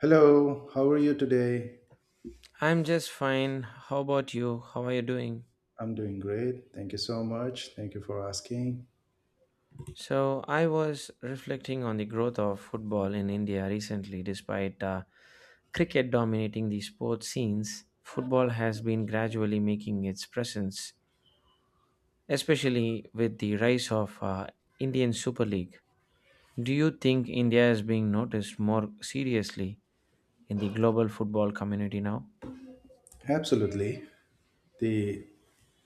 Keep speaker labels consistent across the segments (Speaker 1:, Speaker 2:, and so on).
Speaker 1: Hello, how are you today?
Speaker 2: I'm just fine. How about you? How are you doing?
Speaker 1: I'm doing great. Thank you so much. Thank you for asking.
Speaker 2: So, I was reflecting on the growth of football in India recently. Despite cricket dominating the sports scenes, football has been gradually making its presence, especially with the rise of Indian Super League. Do you think India is being noticed more seriously in the global football community now?
Speaker 1: Absolutely. The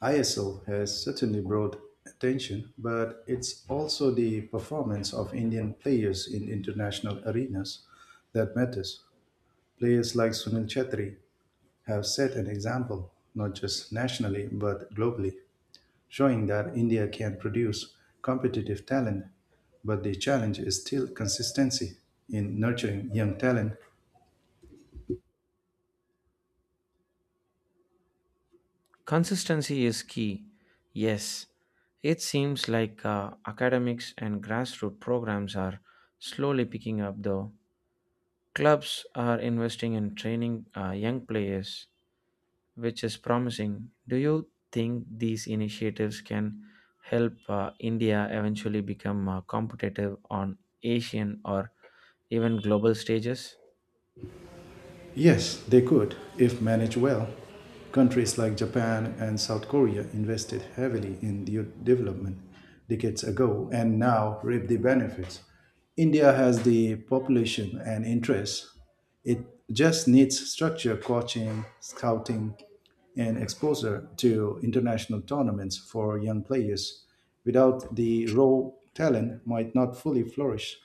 Speaker 1: ISL has certainly brought attention, but it's also the performance of Indian players in international arenas that matters. Players like Sunil Chetri have set an example, not just nationally, but globally, showing that India can produce competitive talent, but the challenge is still consistency in nurturing young talent.
Speaker 2: Consistency is key. Yes, it seems like academics and grassroots programs are slowly picking up, though. Clubs are investing in training young players, which is promising. Do you think these initiatives can help India eventually become competitive on Asian or even global stages?
Speaker 1: Yes, they could, if managed well. Countries like Japan and South Korea invested heavily in their development decades ago and now reap the benefits. India has the population and interests. It just needs structure, coaching, scouting, and exposure to international tournaments for young players. Without the raw talent, might not fully flourish.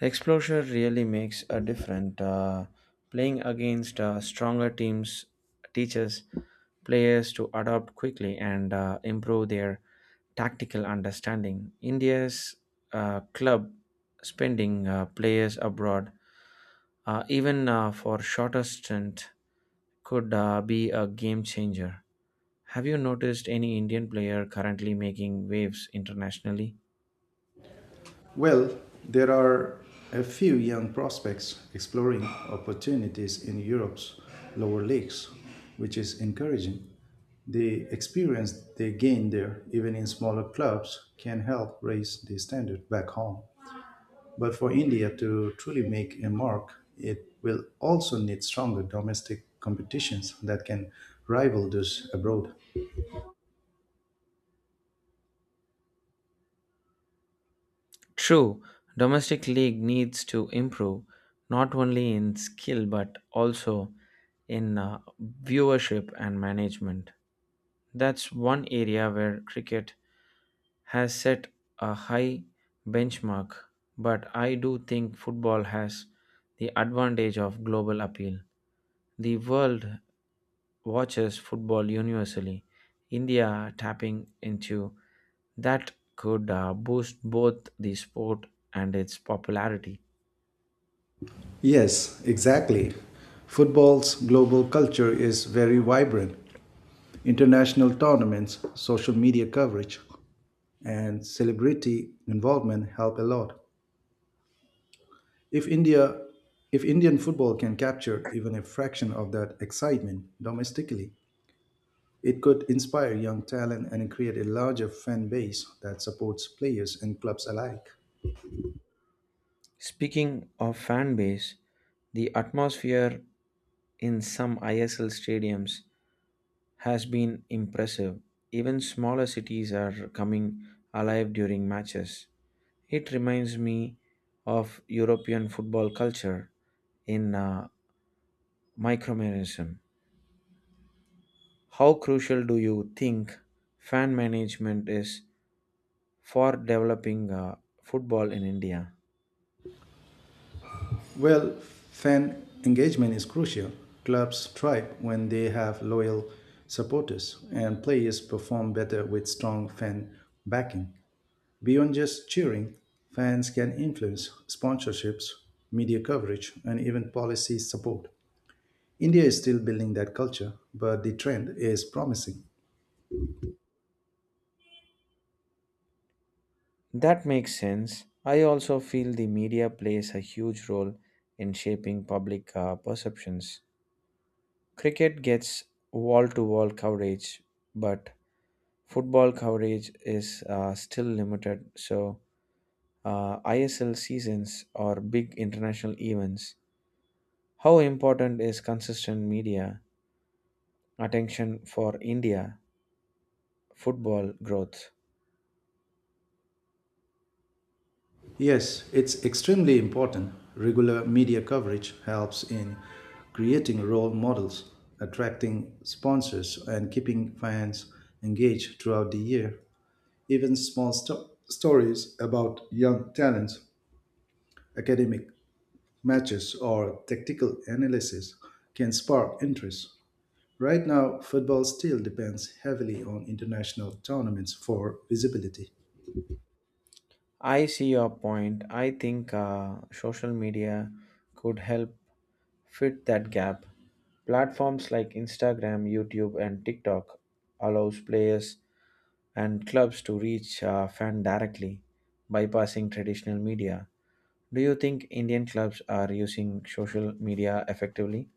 Speaker 2: Exposure really makes a difference. Playing against stronger teams teaches players to adapt quickly and improve their tactical understanding. India's club spending players abroad, even for shorter stint, could be a game changer. Have you noticed any Indian player currently making waves internationally?
Speaker 1: Well, there are a few young prospects exploring opportunities in Europe's lower leagues, which is encouraging. The experience they gain there, even in smaller clubs, can help raise the standard back home. But for India to truly make a mark, it will also need stronger domestic competitions that can rival those abroad.
Speaker 2: True, domestic league needs to improve not only in skill but also in viewership and management. That's one area where cricket has set a high benchmark, but I do think football has the advantage of global appeal. The world watches football universally. India tapping into that could boost both the sport and its popularity.
Speaker 1: Yes, exactly. Football's global culture is very vibrant. International tournaments, social media coverage, and celebrity involvement help a lot. If India if Indian football can capture even a fraction of that excitement domestically, it could inspire young talent and create a larger fan base that supports players and clubs alike.
Speaker 2: Speaking of fan base, the atmosphere in some ISL stadiums has been impressive. Even smaller cities are coming alive during matches. It reminds me of European football culture in micromanagement. How crucial do you think fan management is for developing football in India?
Speaker 1: Well, fan engagement is crucial. Clubs thrive when they have loyal supporters, and players perform better with strong fan backing. Beyond just cheering, fans can influence sponsorships, media coverage, and even policy support. India is still building that culture, but the trend is promising.
Speaker 2: That makes sense. I also feel the media plays a huge role in shaping public perceptions. Cricket gets wall to wall coverage, but football coverage is still limited. So, ISL seasons or big international events. How important is consistent media attention for India football growth?
Speaker 1: Yes, it's extremely important. Regular media coverage helps in creating role models, attracting sponsors, and keeping fans engaged throughout the year. Even small stories about young talents, academic matches, or tactical analysis can spark interest. Right now, football still depends heavily on international tournaments for visibility.
Speaker 2: I see your point. I think social media could help fit that gap. Platforms like Instagram, YouTube, and TikTok allows players and clubs to reach fan directly, bypassing traditional media. Do you think Indian clubs are using social media effectively?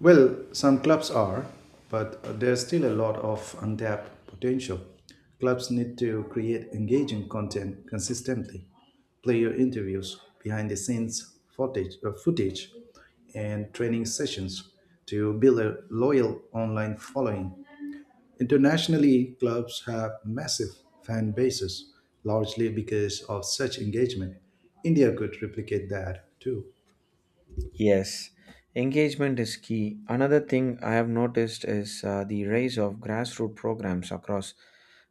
Speaker 1: Well, some clubs are, but there's still a lot of untapped potential. Clubs need to create engaging content consistently: player interviews, behind the scenes footage, and training sessions to build a loyal online following. Internationally, clubs have massive fan bases, largely because of such engagement. India could replicate that too.
Speaker 2: Yes, engagement is key. Another thing I have noticed is the rise of grassroots programs across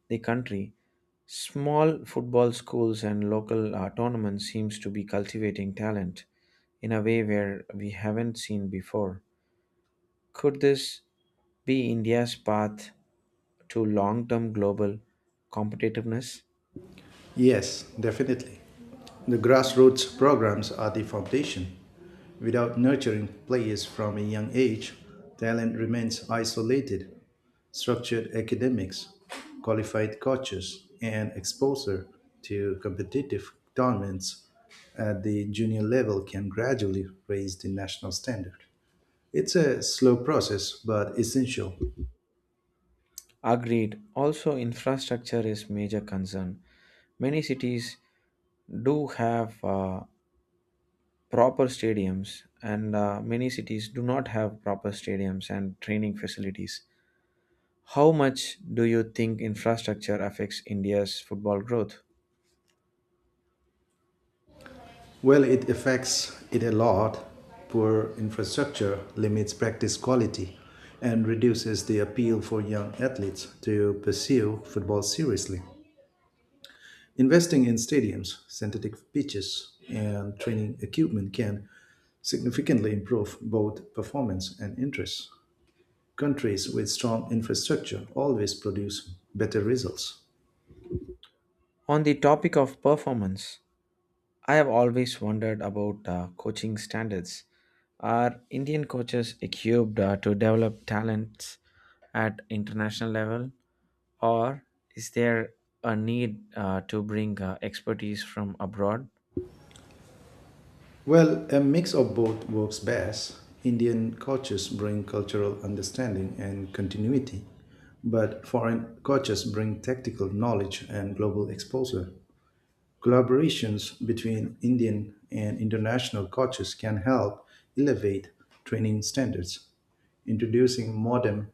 Speaker 2: the country. Small football schools and local tournaments seems to be cultivating talent in a way where we haven't seen before. Could this be India's path to long-term global competitiveness?
Speaker 1: Yes, definitely. The grassroots programs are the foundation. Without nurturing players from a young age, talent remains isolated. Structured academics, qualified coaches, and exposure to competitive tournaments at the junior level can gradually raise the national standard. It's a slow process but essential.
Speaker 2: Agreed. Also, infrastructure is major concern. Many cities do have proper stadiums, and many cities do not have proper stadiums and training facilities. How much do you think infrastructure affects India's football growth?
Speaker 1: Well, it affects it a lot. Poor infrastructure limits practice quality and reduces the appeal for young athletes to pursue football seriously. Investing in stadiums, synthetic pitches, and training equipment can significantly improve both performance and interest. Countries with strong infrastructure always produce better results.
Speaker 2: On the topic of performance, I have always wondered about coaching standards. Are Indian coaches equipped to develop talents at international level, or is there a need to bring expertise from abroad?
Speaker 1: Well, a mix of both works best. Indian cultures bring cultural understanding and continuity, but foreign cultures bring tactical knowledge and global exposure. Collaborations between Indian and international cultures can help elevate training standards, introducing modern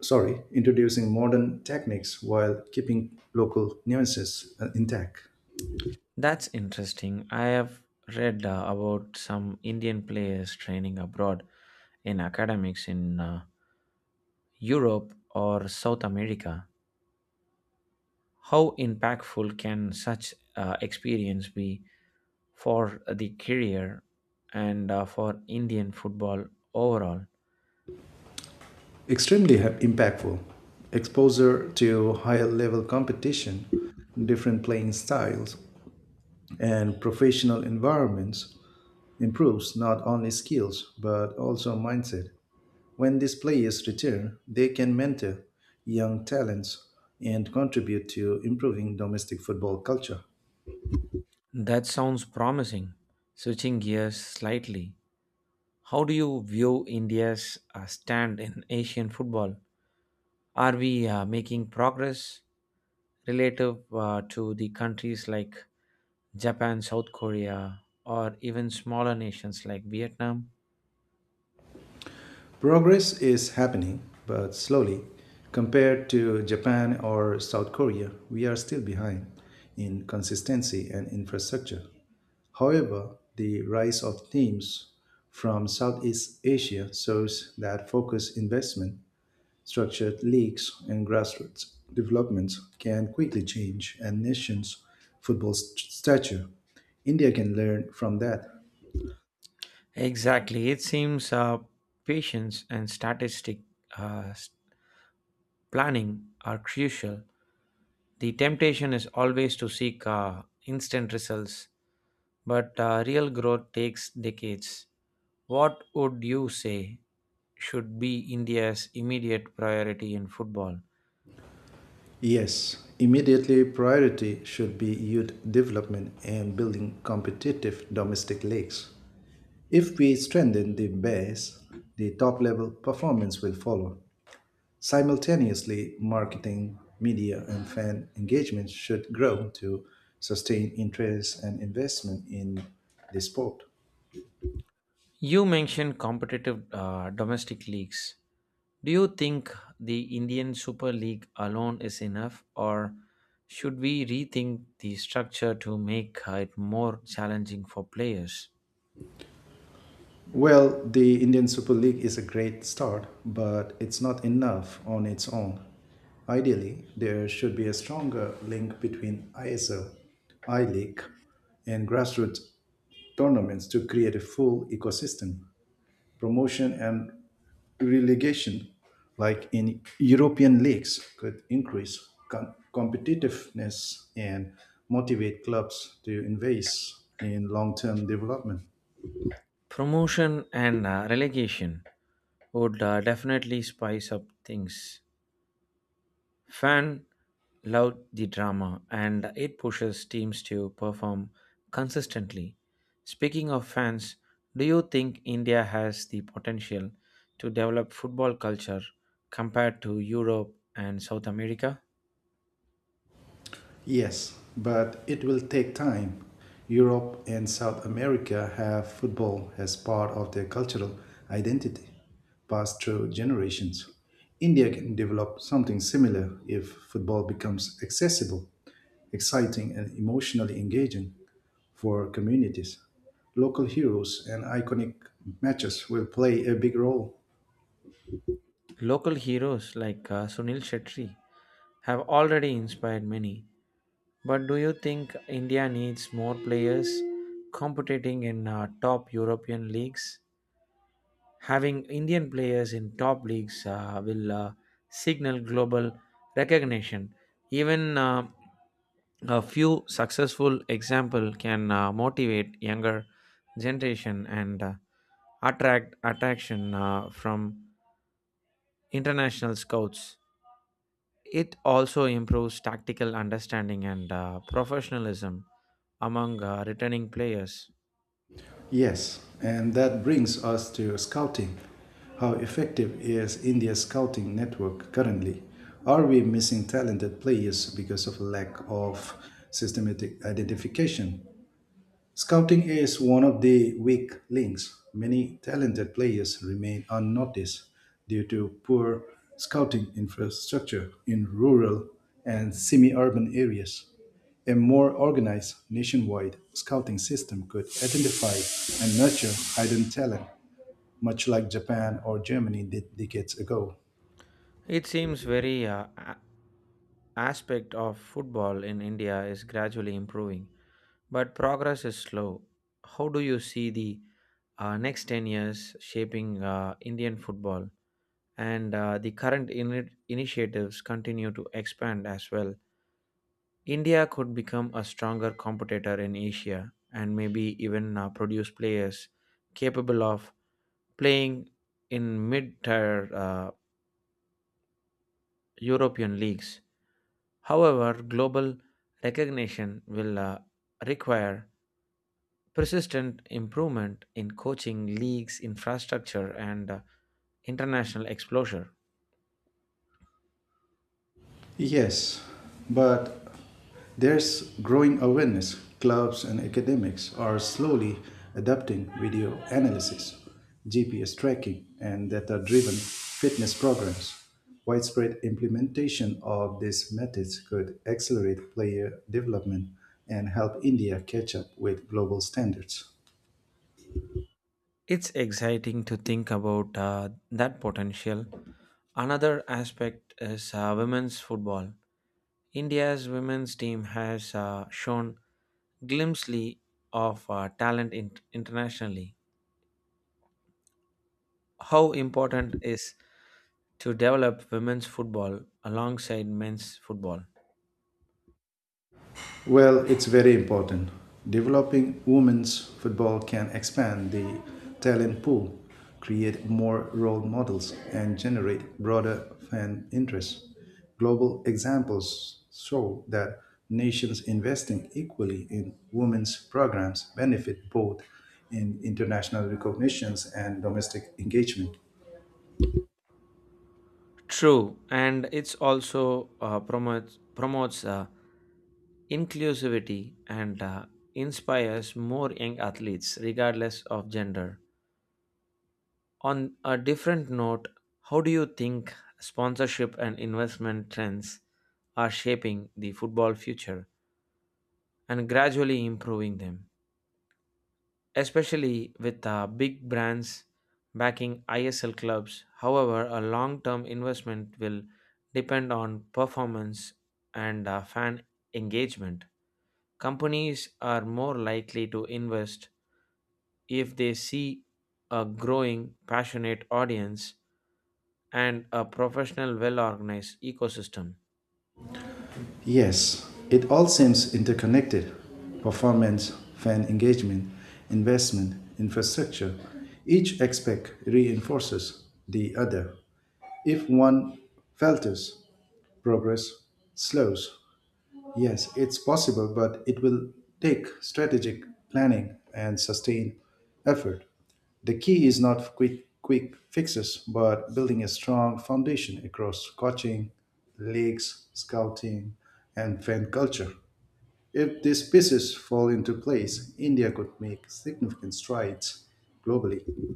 Speaker 1: introducing modern techniques while keeping local nuances intact.
Speaker 2: That's interesting. I have read about some Indian players training abroad in academics in Europe or South America, how impactful can such experience be for the career and for Indian football overall?
Speaker 1: Extremely impactful. Exposure to higher level competition, different playing styles, and professional environments improves not only skills but also mindset. When these players return, they can mentor young talents and contribute to improving domestic football culture.
Speaker 2: That sounds promising. Switching gears slightly, how do you view India's stand in Asian football? Are we making progress relative to the countries like Japan, South Korea, or even smaller nations like Vietnam?
Speaker 1: Progress is happening, but slowly. Compared to Japan or South Korea, we are still behind in consistency and infrastructure. However, the rise of teams from Southeast Asia shows that focused investment, structured leagues, and grassroots development can quickly change a nation's football stature. India can learn from that.
Speaker 2: Exactly. It seems patience and statistic uh, s- planning are crucial. The temptation is always to seek instant results, but real growth takes decades. What would you say should be India's immediate priority in football?
Speaker 1: Yes, immediately priority should be youth development and building competitive domestic leagues. If we strengthen the base, the top level performance will follow. Simultaneously, marketing, media, and fan engagement should grow to sustain interest and investment in the sport.
Speaker 2: You mentioned competitive domestic leagues. Do you think the Indian Super League alone is enough, or should we rethink the structure to make it more challenging for players?
Speaker 1: Well, the Indian Super League is a great start, but it's not enough on its own. Ideally, there should be a stronger link between ISL, I League, and grassroots tournaments to create a full ecosystem. Promotion and relegation, like in European leagues, could increase competitiveness and motivate clubs to invest in long term development.
Speaker 2: Promotion and relegation would definitely spice up things. Fan love the drama and it pushes teams to perform consistently. Speaking of fans, do you think India has the potential to develop football culture compared to Europe and South America?
Speaker 1: Yes, but it will take time. Europe and South America have football as part of their cultural identity, passed through generations. India can develop something similar if football becomes accessible, exciting, and emotionally engaging for communities. Local heroes and iconic matches will play a big role.
Speaker 2: Local heroes like Sunil Shetty have already inspired many. But do you think India needs more players competing in top European leagues? Having Indian players in top leagues will signal global recognition. Even a few successful example can motivate younger generation and attract attraction from international scouts. It also improves tactical understanding and professionalism among returning players.
Speaker 1: Yes, and that brings us to scouting. How effective is India's scouting network currently? Are we missing talented players because of lack of systematic identification? Scouting is one of the weak links. Many talented players remain unnoticed due to poor scouting infrastructure in rural and semi urban areas. A more organized nationwide scouting system could identify and nurture hidden talent, much like Japan or Germany did decades ago.
Speaker 2: It seems very aspect of football in India is gradually improving, but progress is slow. How do you see the next 10 years shaping Indian football? And the current initiatives continue to expand as well. India could become a stronger competitor in Asia and maybe even produce players capable of playing in mid tier European leagues. However, global recognition will require persistent improvement in coaching, leagues, infrastructure, and international exposure.
Speaker 1: Yes, but there's growing awareness. Clubs and academics are slowly adapting video analysis, GPS tracking, and data driven fitness programs. Widespread implementation of these methods could accelerate player development and help India catch up with global standards.
Speaker 2: It's exciting to think about that potential. Another aspect is women's football. India's women's team has shown glimpsely of talent internationally. How important is to develop women's football alongside men's football?
Speaker 1: Well, it's very important. Developing women's football can expand the talent pool, create more role models, and generate broader fan interest. Global examples show that nations investing equally in women's programs benefit both in international recognitions and domestic engagement.
Speaker 2: True, and it's also promotes inclusivity and inspires more young athletes, regardless of gender. On a different note, how do you think sponsorship and investment trends are shaping the football future and gradually improving them? Especially with big brands backing ISL clubs. However, a long term investment will depend on performance and fan engagement. Companies are more likely to invest if they see a growing passionate audience and a professional, well organized ecosystem.
Speaker 1: Yes, it all seems interconnected: performance, fan engagement, investment, infrastructure. Each aspect reinforces the other. If one falters, progress slows. Yes, it's possible, but it will take strategic planning and sustained effort. The key is not quick fixes, but building a strong foundation across coaching, leagues, scouting, and fan culture. If these pieces fall into place, India could make significant strides globally.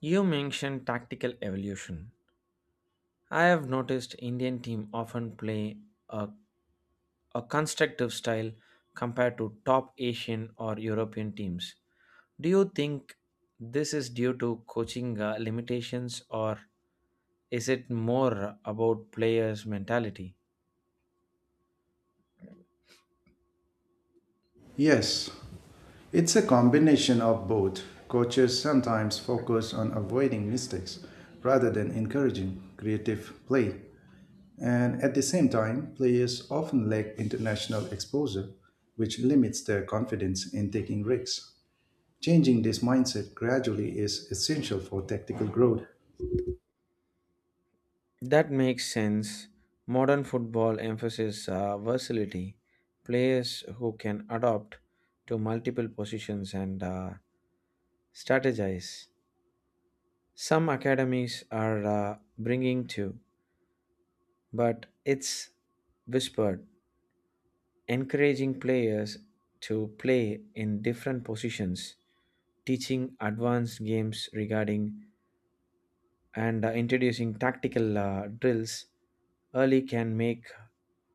Speaker 2: You mentioned tactical evolution. I have noticed Indian team often play a a constructive style compared to top Asian or European teams. Do you think this is due to coaching limitations or is it more about players' mentality?
Speaker 1: Yes, it's a combination of both. Coaches sometimes focus on avoiding mistakes rather than encouraging creative play. And at the same time, players often lack international exposure, which limits their confidence in taking risks. Changing this mindset gradually is essential for tactical growth.
Speaker 2: That makes sense. Modern football emphasizes versatility, players who can adapt to multiple positions and strategize. Some academies are bringing two, but it's whispered. Encouraging players to play in different positions, teaching advanced games regarding and introducing tactical drills early can make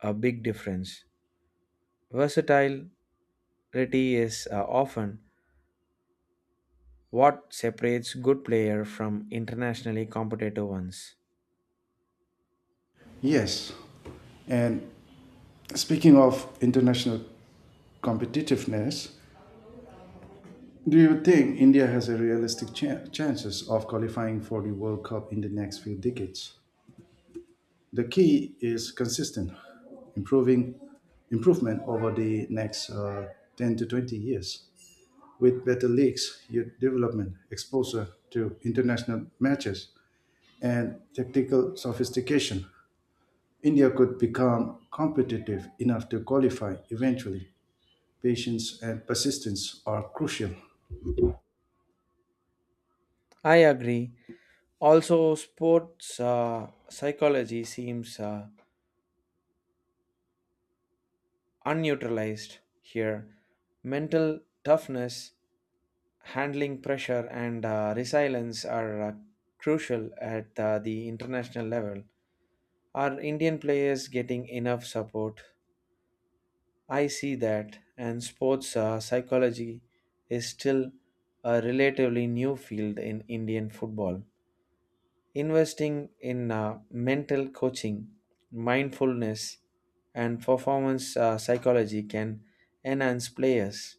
Speaker 2: a big difference. Versatility is often what separates good player from internationally competitive ones.
Speaker 1: Yes, and speaking of international competitiveness, do you think India has a realistic chances of qualifying for the World Cup in the next few decades? The key is consistent improving improvement over the next 10 to 20 years. With better leagues, youth development, exposure to international matches, and tactical sophistication, India could become competitive enough to qualify eventually. Patience and persistence are crucial.
Speaker 2: I agree. Also, sports psychology seems unneutralized here. Mental toughness, handling pressure, and resilience are crucial at the international level. Are Indian players getting enough support? I see that, and sports psychology is still a relatively new field in Indian football. Investing in mental coaching, mindfulness, and performance psychology can enhance players'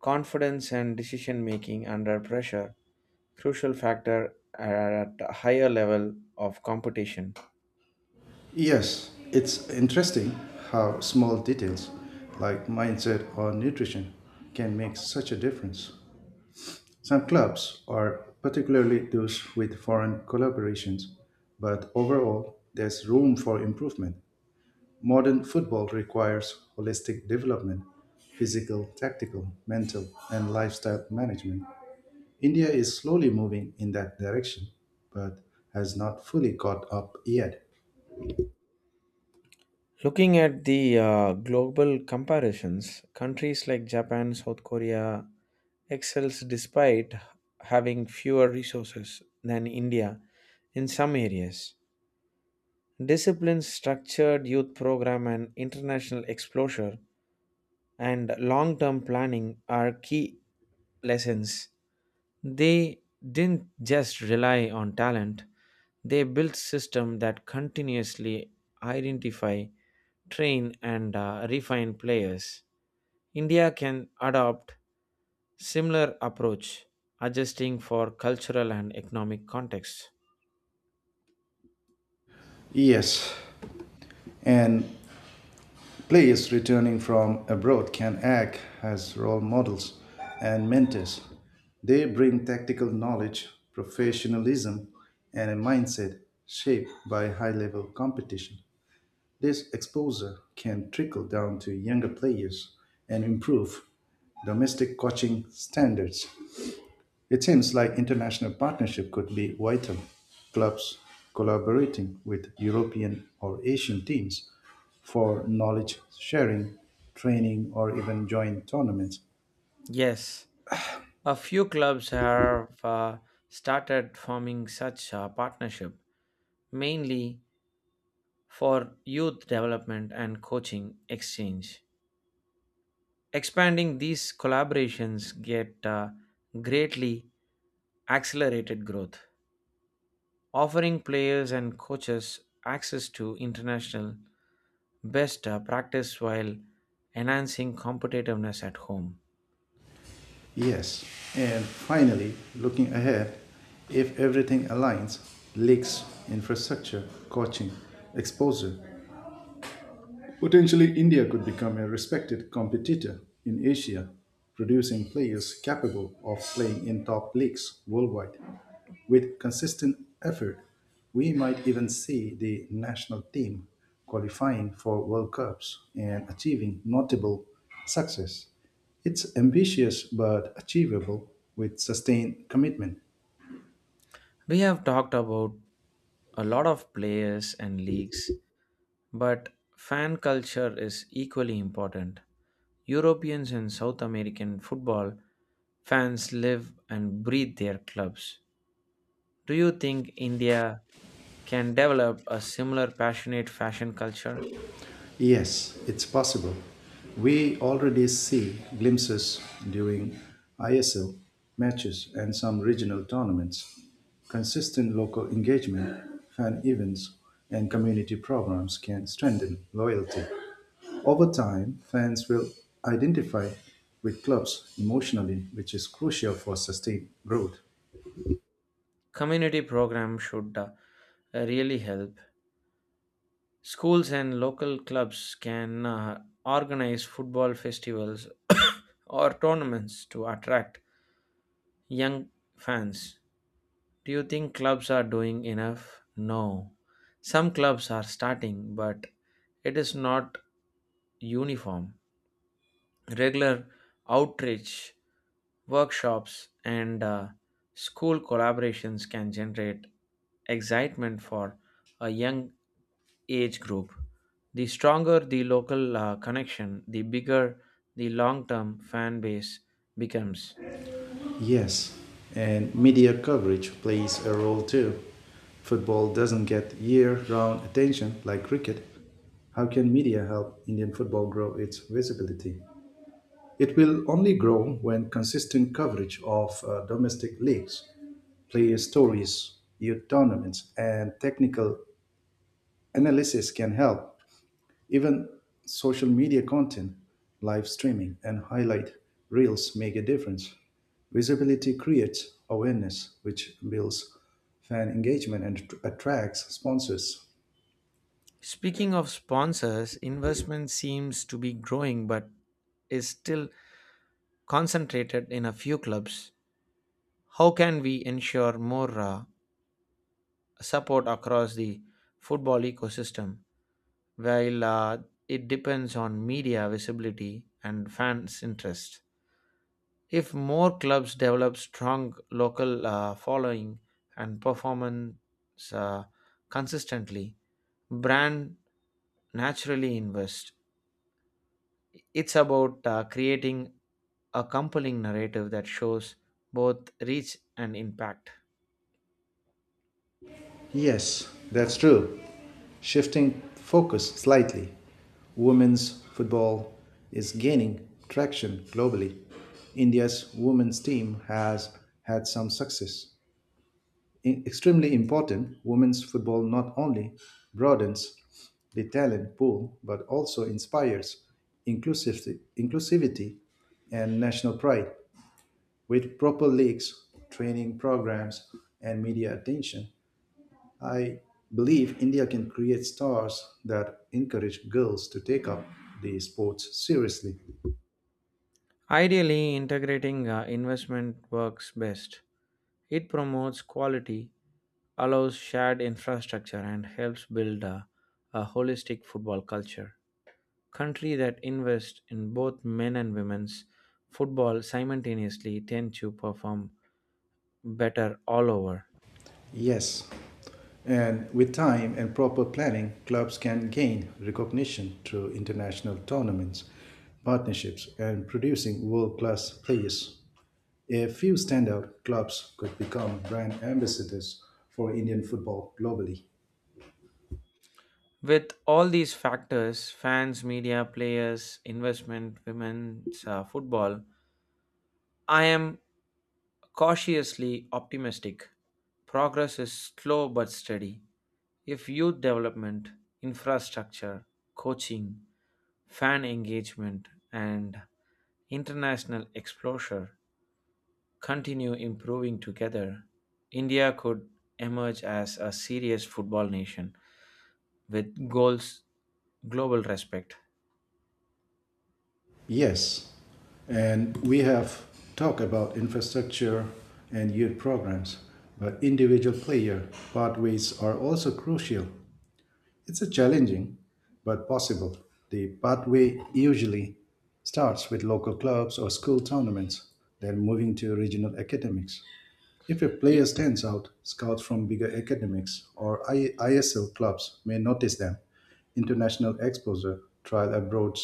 Speaker 2: confidence and decision making under pressure, crucial factor at a higher level of competition.
Speaker 1: Yes, it's interesting how small details like mindset or nutrition can make such a difference. Some clubs are, particularly those with foreign collaborations, but overall, there's room for improvement. Modern football requires holistic development: physical, tactical, mental, and lifestyle management. India is slowly moving in that direction, but has not fully caught up yet.
Speaker 2: Looking at the global comparisons, countries like Japan, South Korea excels despite having fewer resources than India in some areas. Discipline, structured youth program, and international exposure and long term planning are key lessons. They didn't just rely on talent, they built systems that continuously identify, train, and refine players. India can adopt similar approach, adjusting for cultural and economic context.
Speaker 1: Yes, and players returning from abroad can act as role models and mentors. They bring tactical knowledge, professionalism, and a mindset shaped by high level competition. This exposure can trickle down to younger players and improve domestic coaching standards. It seems like international partnership could be vital. Clubs collaborating with European or Asian teams for knowledge sharing, training, or even joint tournaments.
Speaker 2: Yes, a few clubs have started forming such partnership, mainly for youth development and coaching exchange. Expanding these collaborations get greatly accelerated growth, offering players and coaches access to international best practice while enhancing competitiveness at home.
Speaker 1: Yes. And finally, looking ahead, if everything aligns: leagues, infrastructure, coaching, exposure. Potentially, India could become a respected competitor in Asia, producing players capable of playing in top leagues worldwide. With consistent effort, we might even see the national team qualifying for World Cups and achieving notable success. It's ambitious but achievable with sustained commitment.
Speaker 2: We have talked about a lot of players and leagues, but fan culture is equally important. Europeans and South American football fans live and breathe their clubs. Do you think India can develop a similar passionate fashion culture?
Speaker 1: Yes, it's possible. We already see glimpses during ISL matches and some regional tournaments. Consistent local engagement, fan events, and community programs can strengthen loyalty. Over time, fans will identify with clubs emotionally, which is crucial for sustained growth.
Speaker 2: Community programs should really help. Schools and local clubs can organize football festivals or tournaments to attract young fans. Do you think clubs are doing enough? No. Some clubs are starting, but it is not uniform. Regular outreach, workshops, and school collaborations can generate excitement for a young age group. The stronger the local connection, the bigger the long term fan base becomes.
Speaker 1: Yes, and media coverage plays a role too. Football doesn't get year round attention like cricket. How can media help Indian football grow its visibility? It will only grow when consistent coverage of domestic leagues, player stories, youth tournaments, and technical analysis can help. Even social media content, live streaming, and highlight reels make a difference. Visibility creates awareness, which builds fan engagement and attracts sponsors.
Speaker 2: Speaking of sponsors, investment seems to be growing but is still concentrated in a few clubs. How can we ensure more support across the football ecosystem while it depends on media visibility and fans' interest? If more clubs develop strong local following and performance uh, consistently, brand naturally invest. It's about creating a compelling narrative that shows both reach and impact.
Speaker 1: Yes, that's true. Shifting focus slightly, women's football is gaining traction globally. India's women's team has had some success, I- extremely important. Women's football not only broadens the talent pool but also inspires inclusivity and national pride. With proper leagues, training programs, and media attention, I believe India can create stars that encourage girls to take up the sports seriously.
Speaker 2: Ideally, integrating investment works best. It promotes quality, allows shared infrastructure, and helps build a holistic football culture. Country that invest in both men and women's football simultaneously tend to perform better all over.
Speaker 1: Yes, and with time and proper planning, clubs can gain recognition through international tournaments, partnerships, and producing world class players. A few standout clubs could become brand ambassadors for Indian football globally.
Speaker 2: With all these factors, fans, media, players, investment, women's football, I am cautiously optimistic. Progress is slow but steady. If youth development, infrastructure, coaching, fan engagement, and international exposure continue improving together, India could emerge as a serious football nation with goals, global respect.
Speaker 1: Yes, and we have talked about infrastructure and youth programs, but individual player pathways are also crucial. It's a challenging but possible. The pathway usually starts with local clubs or school tournaments, then moving to regional academics. If a
Speaker 2: Y-
Speaker 1: player stands out, scouts from bigger academics or ISL clubs may notice them. International exposure, trial abroad,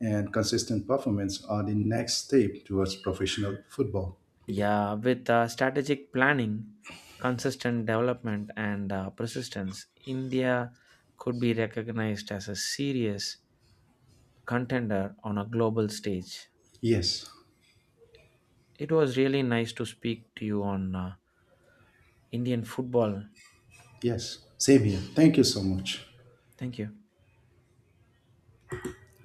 Speaker 1: and consistent performance are the next step towards professional football.
Speaker 2: Yeah, with strategic planning, consistent development, and persistence, India could be recognized as a serious contender on a global stage.
Speaker 1: Yes,
Speaker 2: It was really nice to speak to you on Indian football.
Speaker 1: yes, same here. Thank you so much.
Speaker 2: Thank you.